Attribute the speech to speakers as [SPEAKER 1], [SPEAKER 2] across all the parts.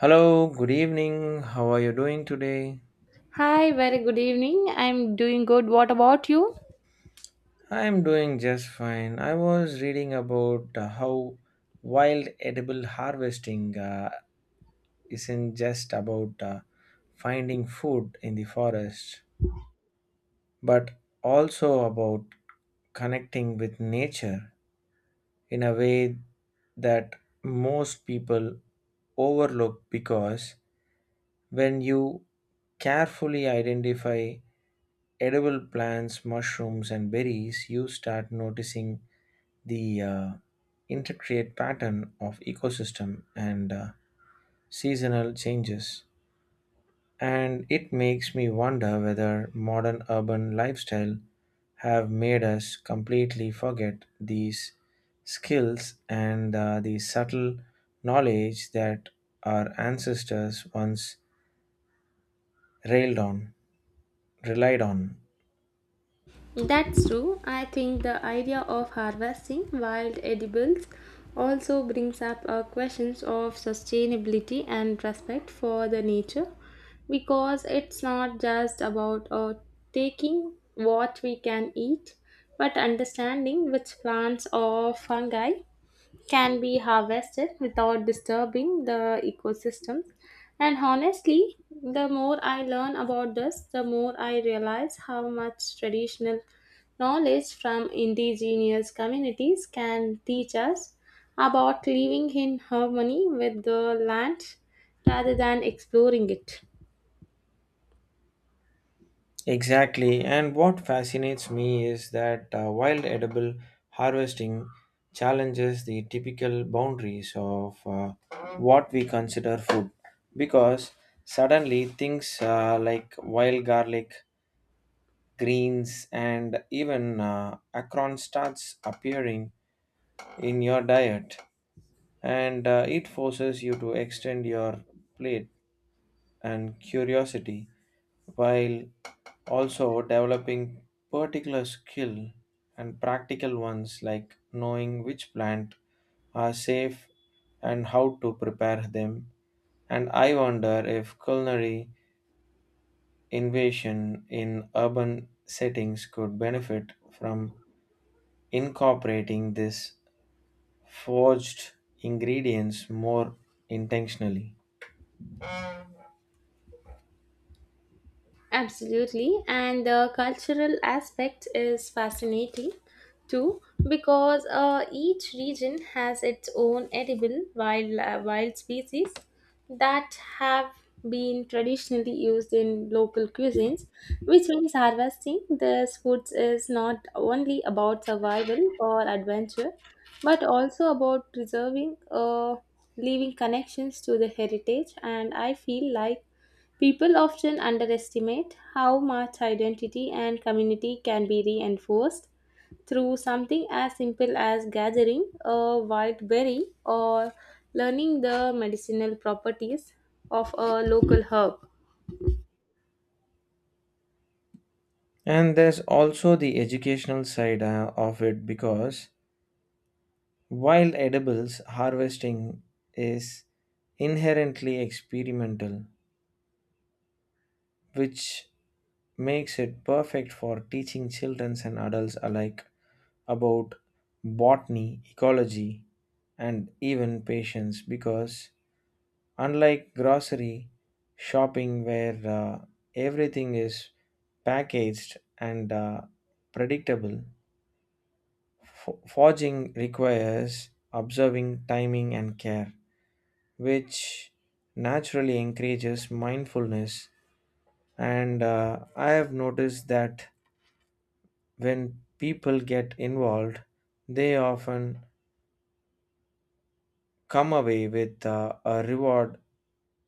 [SPEAKER 1] Hello, good evening. How are you doing today?
[SPEAKER 2] Hi, very good evening. I'm doing good. What about you?
[SPEAKER 1] I'm doing just fine. I was reading about how wild edible harvesting isn't just about finding food in the forest, but also about connecting with nature in a way that most people overlook because when you carefully identify edible plants, mushrooms, and berries, you start noticing the intricate pattern of ecosystem and seasonal changes. And it makes me wonder whether modern urban lifestyle have made us completely forget these skills and the subtle knowledge that our ancestors once railed on, relied on.
[SPEAKER 2] That's true. I think the idea of harvesting wild edibles also brings up questions of sustainability and respect for the nature because it's not just about taking what we can eat but understanding which plants or fungi can be harvested without disturbing the ecosystems. And honestly, the more I learn about this, the more I realize how much traditional knowledge from indigenous communities can teach us about living in harmony with the land rather than exploring it.
[SPEAKER 1] Exactly, and what fascinates me is that wild edible harvesting challenges the typical boundaries of what we consider food because suddenly things like wild garlic, greens, and even acorn starts appearing in your diet, and it forces you to extend your plate and curiosity while also developing particular skill and practical ones like knowing which plant are safe and how to prepare them, and I wonder if culinary innovation in urban settings could benefit from incorporating these forged ingredients more intentionally.
[SPEAKER 2] Absolutely, and the cultural aspect is fascinating too because each region has its own edible wild species that have been traditionally used in local cuisines, which means harvesting these foods is not only about survival or adventure, but also about preserving living connections to the heritage. And I feel like people often underestimate how much identity and community can be reinforced through something as simple as gathering a wild berry or learning the medicinal properties of a local herb.
[SPEAKER 1] And there's also the educational side of it because while edibles harvesting is inherently experimental, which makes it perfect for teaching children and adults alike about botany, ecology, and even patience because unlike grocery shopping where everything is packaged and predictable. Forging requires observing timing and care, which naturally encourages mindfulness. And I have noticed that when people get involved, they often come away with a reward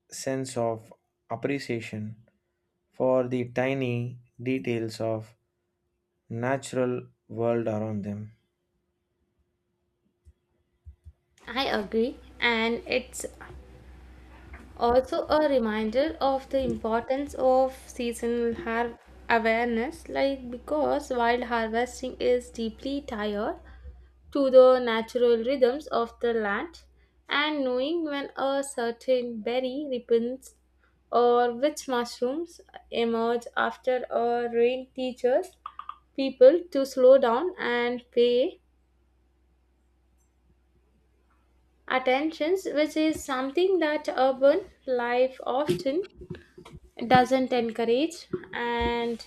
[SPEAKER 1] sense of appreciation for the tiny details of natural world around them.
[SPEAKER 2] I agree, and it's also a reminder of the importance of awareness, like because wild harvesting is deeply tied to the natural rhythms of the land, and knowing when a certain berry ripens or which mushrooms emerge after a rain teaches people to slow down and pay attention, which is something that urban life often doesn't encourage. And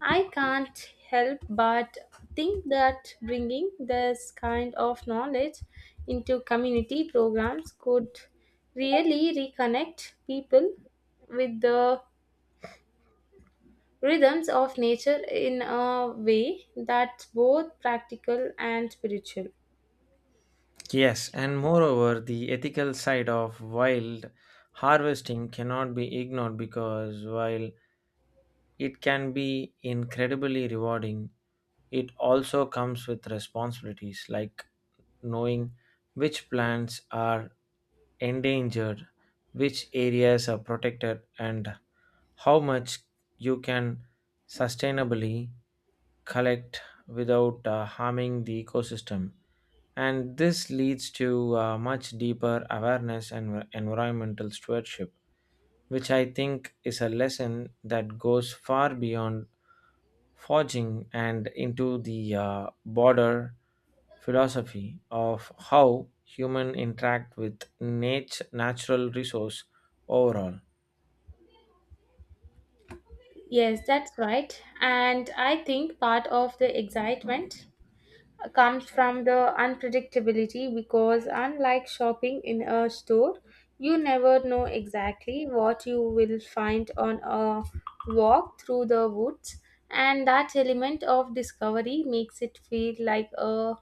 [SPEAKER 2] I can't help but think that bringing this kind of knowledge into community programs could really reconnect people with the rhythms of nature in a way that's both practical and spiritual.
[SPEAKER 1] Yes, and moreover, the ethical side of wild harvesting cannot be ignored because while it can be incredibly rewarding, it also comes with responsibilities like knowing which plants are endangered, which areas are protected, and how much you can sustainably collect without harming the ecosystem. And this leads to much deeper awareness and environmental stewardship, which I think is a lesson that goes far beyond forging and into the broader philosophy of how human interact with nature, natural resource overall.
[SPEAKER 2] Yes, that's right, and I think part of the excitement comes from the unpredictability because, unlike shopping in a store, you never know exactly what you will find on a walk through the woods, and that element of discovery makes it feel like a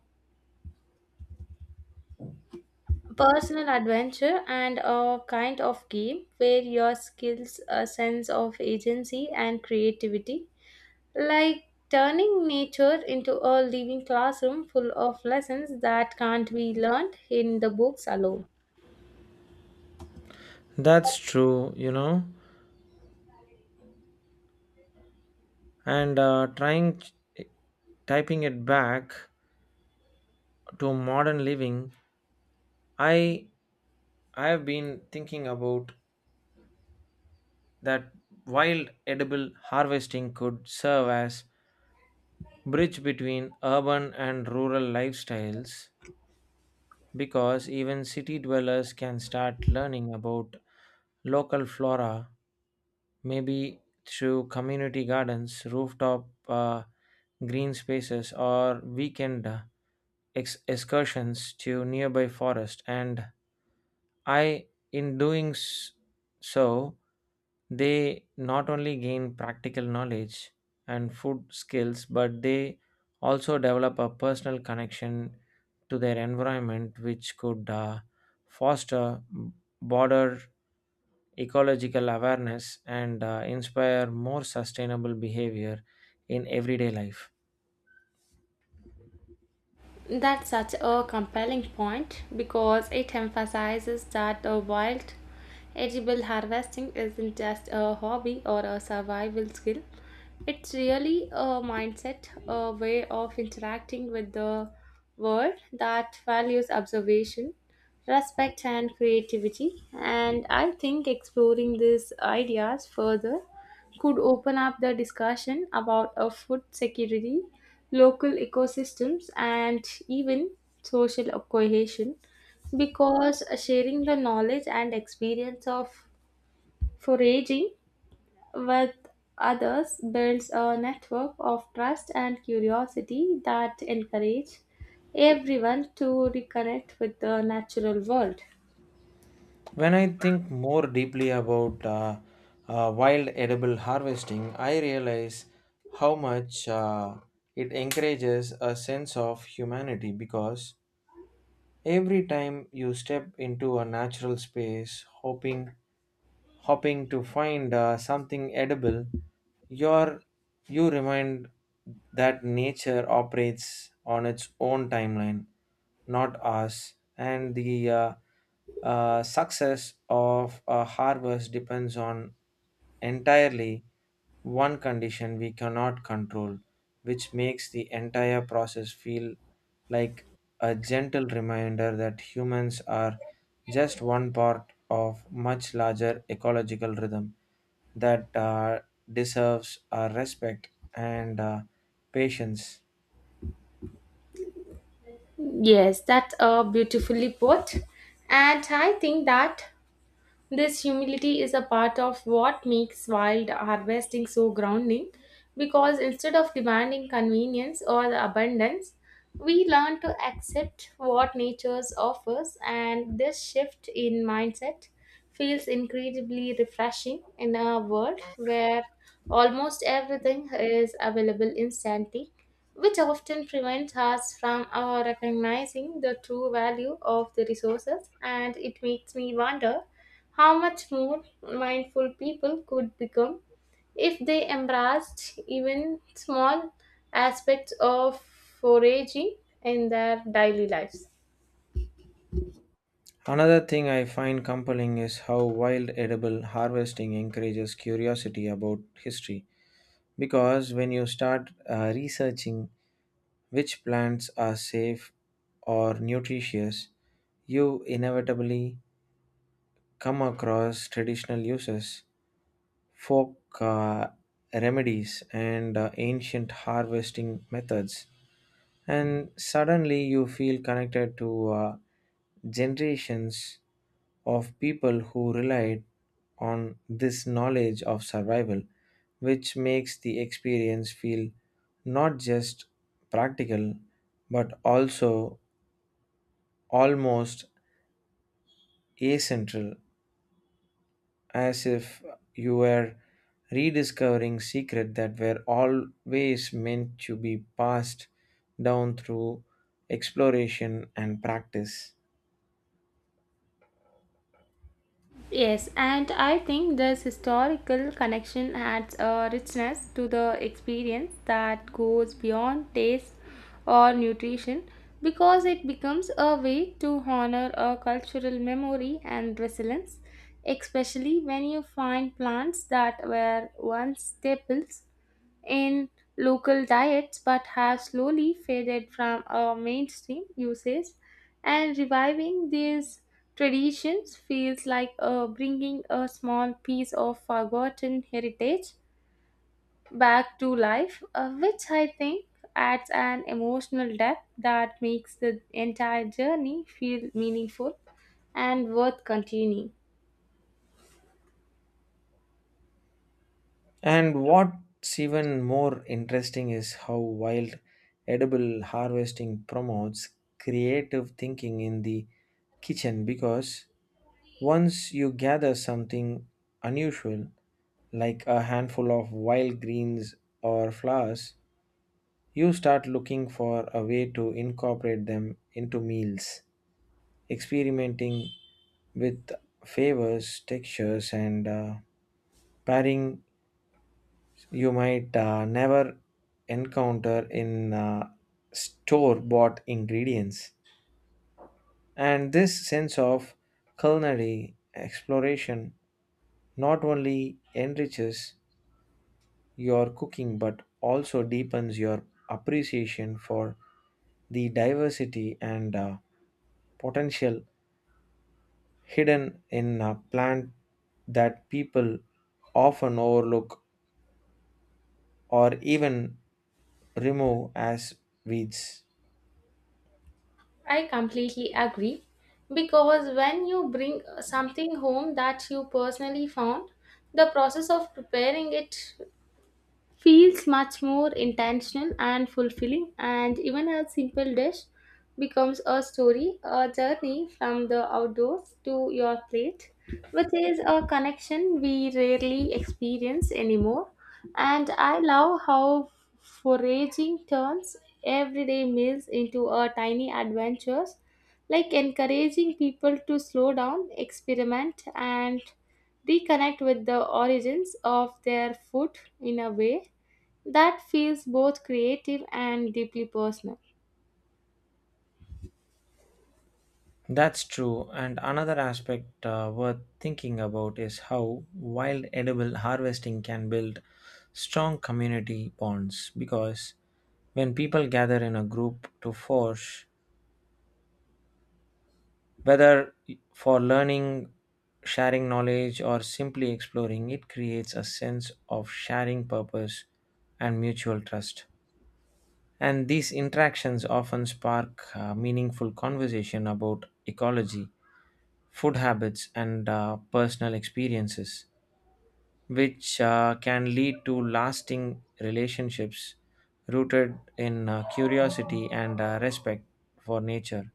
[SPEAKER 2] personal adventure and a kind of game where your skills, a sense of agency, and creativity, like turning nature into a living classroom full of lessons that can't be learned in the books alone.
[SPEAKER 1] That's true, you know, and trying typing it back to modern living, I I have been thinking about that wild edible harvesting could serve as bridge between urban and rural lifestyles because even city dwellers can start learning about local flora, maybe through community gardens, rooftop green spaces, or weekend excursions to nearby forest. And I in doing s- so they not only gain practical knowledge and food skills, but they also develop a personal connection to their environment, which could foster broader ecological awareness and inspire more sustainable behavior in everyday life.
[SPEAKER 2] That's such a compelling point because it emphasizes that the wild edible harvesting isn't just a hobby or a survival skill. It's really a mindset, a way of interacting with the world that values observation, respect, and creativity. And I think exploring these ideas further could open up the discussion about a food security, local ecosystems, and even social cohesion because sharing the knowledge and experience of foraging with others builds a network of trust and curiosity that encourage everyone to reconnect with the natural world.
[SPEAKER 1] When I think more deeply about wild edible harvesting, I realize how much it encourages a sense of humanity because every time you step into a natural space hoping hopping to find something edible, your you remind that nature operates on its own timeline, not ours, and the success of a harvest depends on entirely one condition we cannot control, which makes the entire process feel like a gentle reminder that humans are just one part of much larger ecological rhythm that deserves our respect and patience.
[SPEAKER 2] Yes, that's a beautifully put. And I think that this humility is a part of what makes wild harvesting so grounding because instead of demanding convenience or abundance, we learn to accept what nature offers, and this shift in mindset feels incredibly refreshing in a world where almost everything is available instantly, which often prevents us from recognizing the true value of the resources. And it makes me wonder how much more mindful people could become if they embraced even small aspects of foraging in their daily lives.
[SPEAKER 1] Another thing I find compelling is how wild edible harvesting encourages curiosity about history. Because when you start researching which plants are safe or nutritious, you inevitably come across traditional uses, folk remedies, and ancient harvesting methods, and suddenly you feel connected to generations of people who relied on this knowledge of survival, which makes the experience feel not just practical but also almost ascentral, as if you were rediscovering secrets that were always meant to be passed down through exploration and practice.
[SPEAKER 2] Yes, and I think this historical connection adds a richness to the experience that goes beyond taste or nutrition because it becomes a way to honor a cultural memory and resilience, especially when you find plants that were once staples in local diets but have slowly faded from our mainstream usage. And reviving these traditions feels like bringing a small piece of forgotten heritage back to life, which I think adds an emotional depth that makes the entire journey feel meaningful and worth continuing.
[SPEAKER 1] And what's even more interesting is how wild edible harvesting promotes creative thinking in the kitchen because once you gather something unusual, like a handful of wild greens or flowers, you start looking for a way to incorporate them into meals, experimenting with flavors, textures, and pairing you might never encounter in store bought ingredients. And this sense of culinary exploration not only enriches your cooking but also deepens your appreciation for the diversity and potential hidden in a plant that people often overlook or even remove as weeds.
[SPEAKER 2] I completely agree because when you bring something home that you personally found, the process of preparing it feels much more intentional and fulfilling, and even a simple dish becomes a story, a journey from the outdoors to your plate, which is a connection we rarely experience anymore. And I love how foraging turns everyday meals into a tiny adventures, like encouraging people to slow down, experiment, and reconnect with the origins of their food in a way that feels both creative and deeply personal.
[SPEAKER 1] That's true, and another aspect worth thinking about is how wild edible harvesting can build strong community bonds because when people gather in a group to forage, whether for learning, sharing knowledge, or simply exploring, it creates a sense of sharing purpose and mutual trust. And these interactions often spark meaningful conversation about ecology, food habits, and personal experiences, which can lead to lasting relationships rooted in curiosity and respect for nature,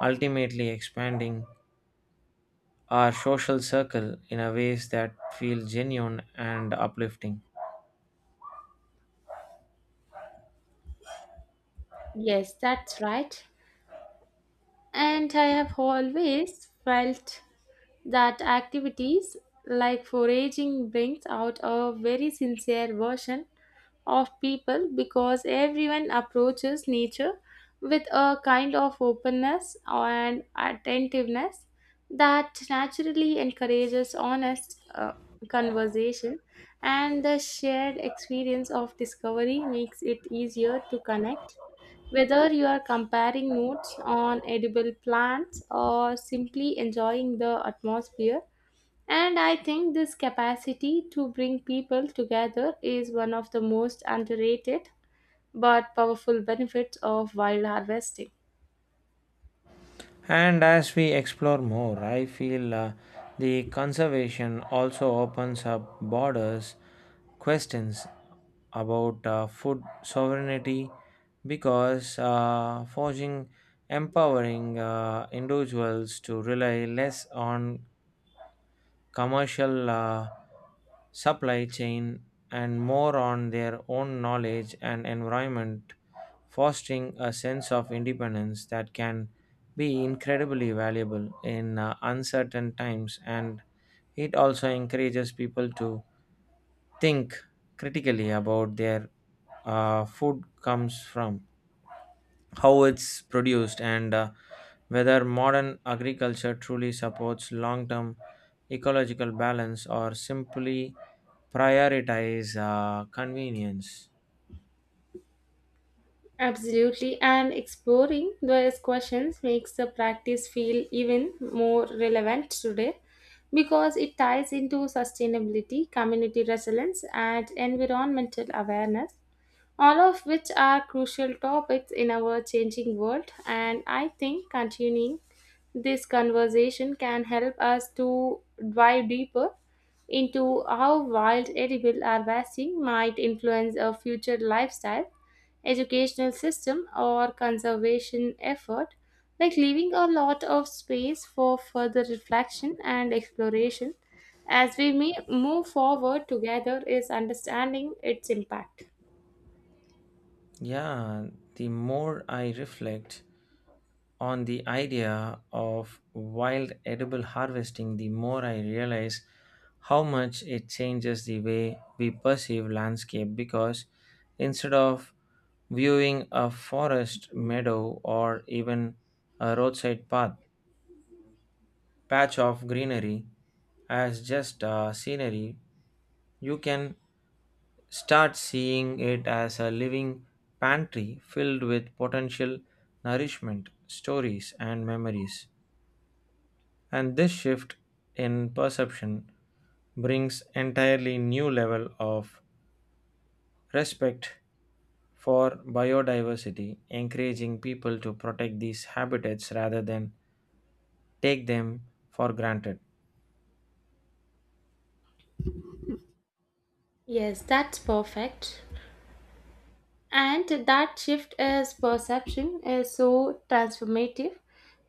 [SPEAKER 1] ultimately expanding our social circle in a ways that feel genuine and uplifting.
[SPEAKER 2] Yes, that's right. And I have always felt that activities like foraging brings out a very sincere version of people because everyone approaches nature with a kind of openness and attentiveness that naturally encourages honest conversation, and the shared experience of discovery makes it easier to connect whether you are comparing notes on edible plants or simply enjoying the atmosphere. And I think this capacity to bring people together is one of the most underrated but powerful benefits of wild harvesting.
[SPEAKER 1] And as we explore more, I feel the conservation also opens up borders, questions about food sovereignty, because forging empowering individuals to rely less on commercial supply chain, and more on their own knowledge and environment, fostering a sense of independence that can be incredibly valuable in uncertain times. And it also encourages people to think critically about their food comes from, how it's produced, and whether modern agriculture truly supports long term ecological balance or simply prioritize convenience.
[SPEAKER 2] Absolutely, and exploring those questions makes the practice feel even more relevant today because it ties into sustainability, community resilience, and environmental awareness, all of which are crucial topics in our changing world. And I think continuing this conversation can help us to dive deeper into how wild edible harvesting might influence our future lifestyle, educational system, or conservation effort, like leaving a lot of space for further reflection and exploration as we may move forward together is understanding its impact.
[SPEAKER 1] Yeah, the more I reflect on the idea of wild edible harvesting, the more I realize how much it changes the way we perceive landscape because instead of viewing a forest, meadow, or even a roadside path, patch of greenery as just a scenery, you can start seeing it as a living pantry filled with potential nourishment, stories, and memories. And this shift in perception brings entirely new level of respect for biodiversity, encouraging people to protect these habitats rather than take them for granted.
[SPEAKER 2] Yes, that's perfect. And that shift is perception is so transformative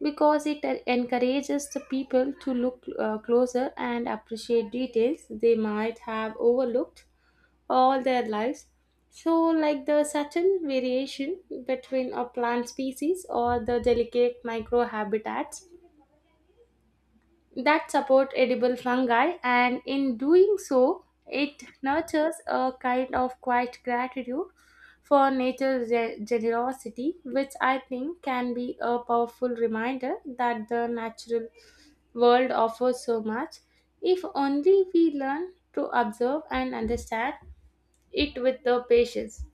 [SPEAKER 2] because it encourages the people to look closer and appreciate details they might have overlooked all their lives. So, like the subtle variation between a plant species or the delicate microhabitats that support edible fungi. And in doing so it nurtures a kind of quiet gratitude for generosity, which I think can be a powerful reminder that the natural world offers so much if only we learn to observe and understand it with the patience.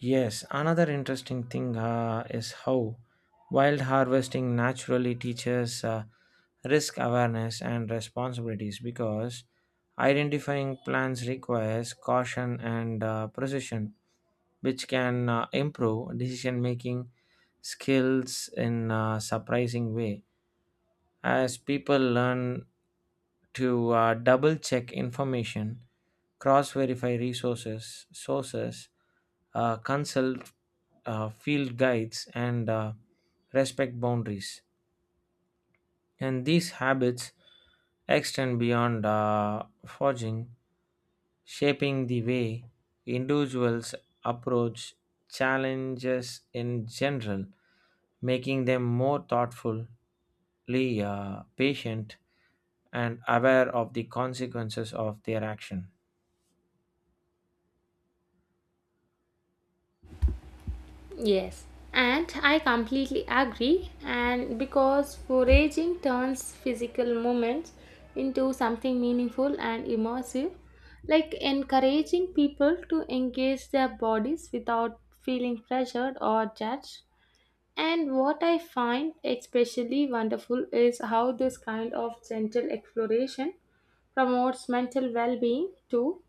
[SPEAKER 1] Yes, another interesting thing is how wild harvesting naturally teaches risk awareness and responsibilities because identifying plants requires caution and precision, which can improve decision making skills in a surprising way. As people learn to double check information, cross verify sources, consult field guides, and respect boundaries. And these habits extend beyond forging, shaping the way individuals approach challenges in general, making them more thoughtfully patient and aware of the consequences of their action.
[SPEAKER 2] Yes, and I completely agree. And because foraging turns physical moments into something meaningful and immersive, like encouraging people to engage their bodies without feeling pressured or judged. And what I find especially wonderful is how this kind of gentle exploration promotes mental well-being too,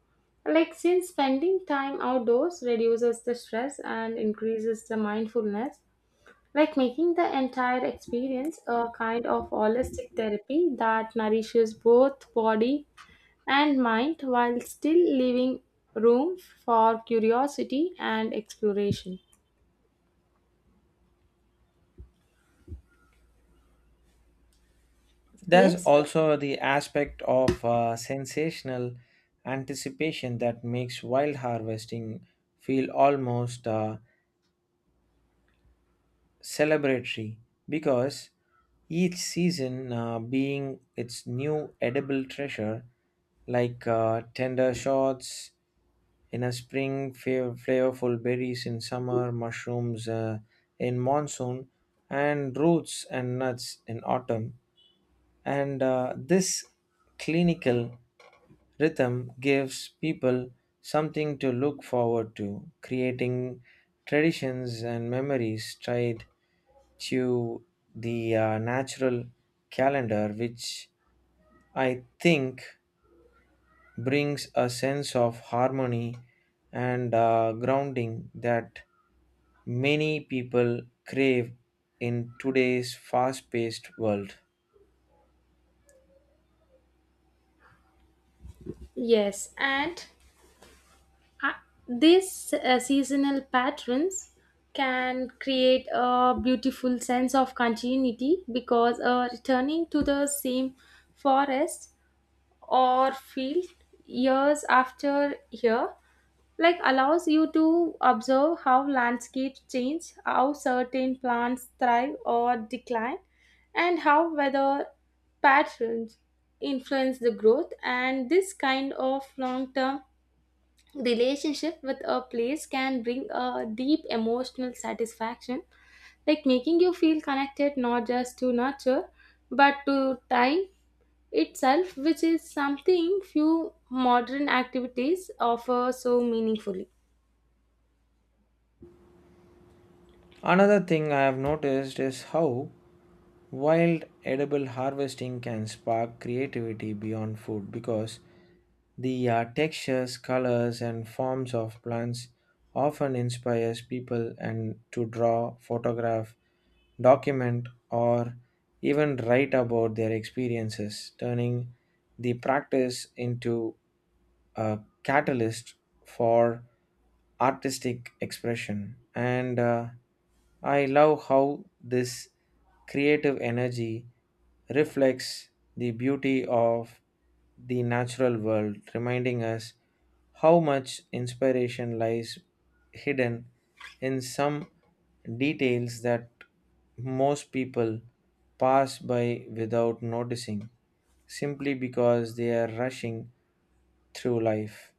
[SPEAKER 2] like since spending time outdoors reduces the stress and increases the mindfulness, like making the entire experience a kind of holistic therapy that nourishes both body and mind while still leaving room for curiosity and exploration.
[SPEAKER 1] There's
[SPEAKER 2] Yes.
[SPEAKER 1] also the aspect of sensational anticipation that makes wild harvesting feel almost celebratory because each season being its new edible treasure, like tender shoots in a spring, flavorful berries in summer, mushrooms in monsoon, and roots and nuts in autumn. And this clinical rhythm gives people something to look forward to, creating traditions and memories tied to the natural calendar, which I think brings a sense of harmony and grounding that many people crave in today's fast paced world.
[SPEAKER 2] Yes, and Uh, these seasonal patterns can create a beautiful sense of continuity because returning to the same forest or field years after year, like allows you to observe how landscapes change, how certain plants thrive or decline, and how weather patterns influence the growth. And this kind of long term relationship with a place can bring a deep emotional satisfaction, like making you feel connected not just to nature but to time itself, which is something few modern activities offer so meaningfully.
[SPEAKER 1] Another thing I have noticed is how wild edible harvesting can spark creativity beyond food because the textures, colors, and forms of plants often inspires people and to draw, photograph, document, or even write about their experiences, turning the practice into a catalyst for artistic expression. And I love how this creative energy reflects the beauty of the natural world, reminding us how much inspiration lies hidden in some details that most people pass by without noticing simply because they are rushing through life.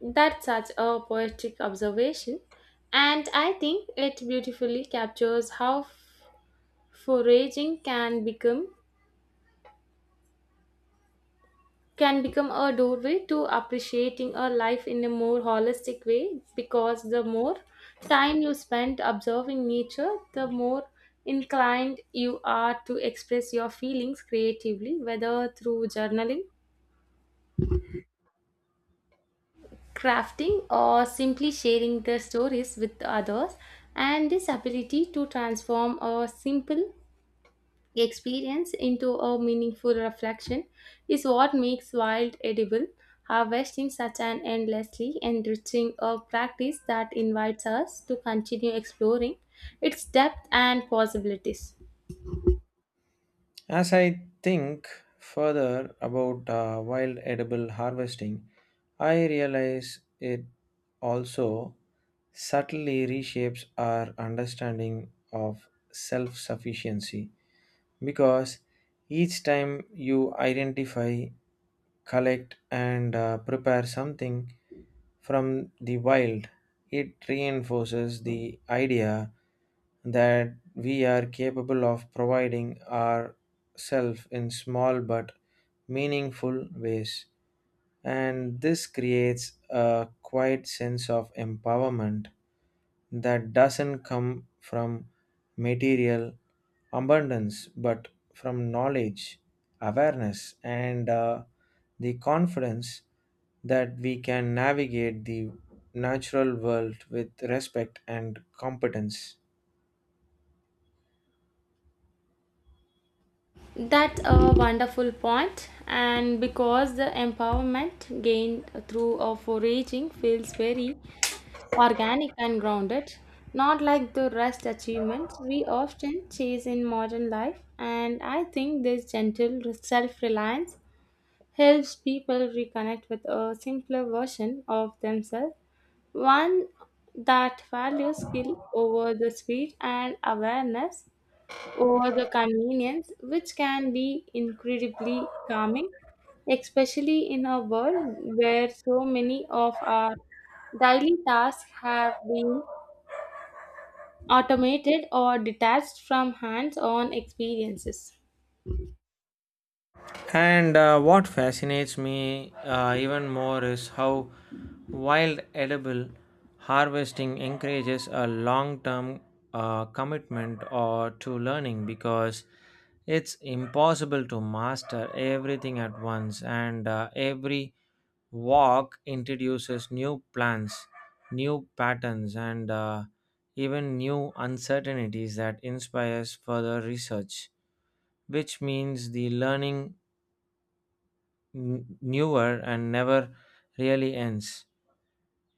[SPEAKER 2] That's such a poetic observation, and I think it beautifully captures how foraging can become a doorway to appreciating a life in a more holistic way because the more time you spend observing nature, the more inclined you are to express your feelings creatively, whether through journaling, crafting, or simply sharing the stories with others. And this ability to transform a simple experience into a meaningful reflection is what makes wild edible harvesting such an endlessly enriching a practice that invites us to continue exploring its depth and possibilities.
[SPEAKER 1] As I think further about wild edible harvesting, I realize it also subtly reshapes our understanding of self sufficiency because each time you identify, collect, and prepare something from the wild, it reinforces the idea that we are capable of providing ourselves in small but meaningful ways. And this creates a quiet sense of empowerment that doesn't come from material abundance but from knowledge, awareness, and the confidence that we can navigate the natural world with respect and competence.
[SPEAKER 2] That's a wonderful point, and because the empowerment gained through a foraging feels very organic and grounded, not like the rest achievements we often chase in modern life. And I think this gentle self reliance helps people reconnect with a simpler version of themselves, one that values skill over the speed and awareness over the convenience, which can be incredibly calming, especially in a world where so many of our daily tasks have been automated or detached from hands on experiences.
[SPEAKER 1] And what fascinates me even more is how wild edible harvesting encourages a long term commitment or to learning because it's impossible to master everything at once, and every walk introduces new plants, new patterns, and even new uncertainties that inspires further research, which means the learning newer and never really ends.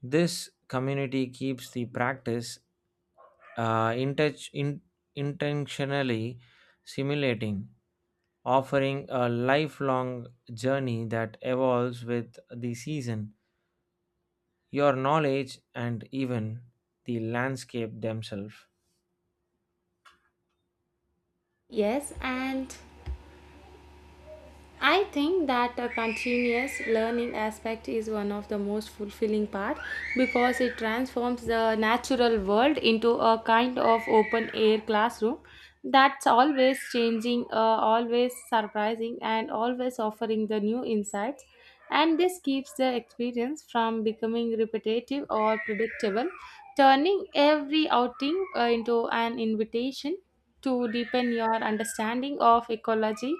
[SPEAKER 1] This community keeps the practice uh, intech- in- intentionally simulating, offering a lifelong journey that evolves with the season, your knowledge, and even the landscape themselves.
[SPEAKER 2] Yes, and I think that a continuous learning aspect is one of the most fulfilling part because it transforms the natural world into a kind of open air classroom that's always changing, always surprising and always offering the new insights, and this keeps the experience from becoming repetitive or predictable, turning every outing into an invitation to deepen your understanding of ecology,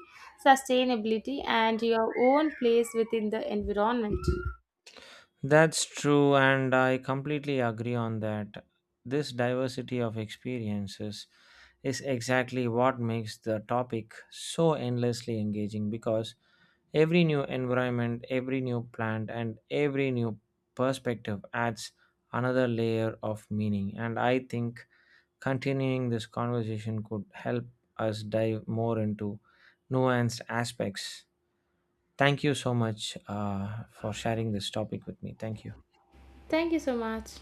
[SPEAKER 2] sustainability, and your own place within the environment.
[SPEAKER 1] That's true, and I completely agree on that. This diversity of experiences is exactly what makes the topic so endlessly engaging because every new environment, every new plant, and every new perspective adds another layer of meaning. And I think continuing this conversation could help us dive more into nuanced aspects. Thank you so much for sharing this topic with me. Thank you.
[SPEAKER 2] Thank you so much.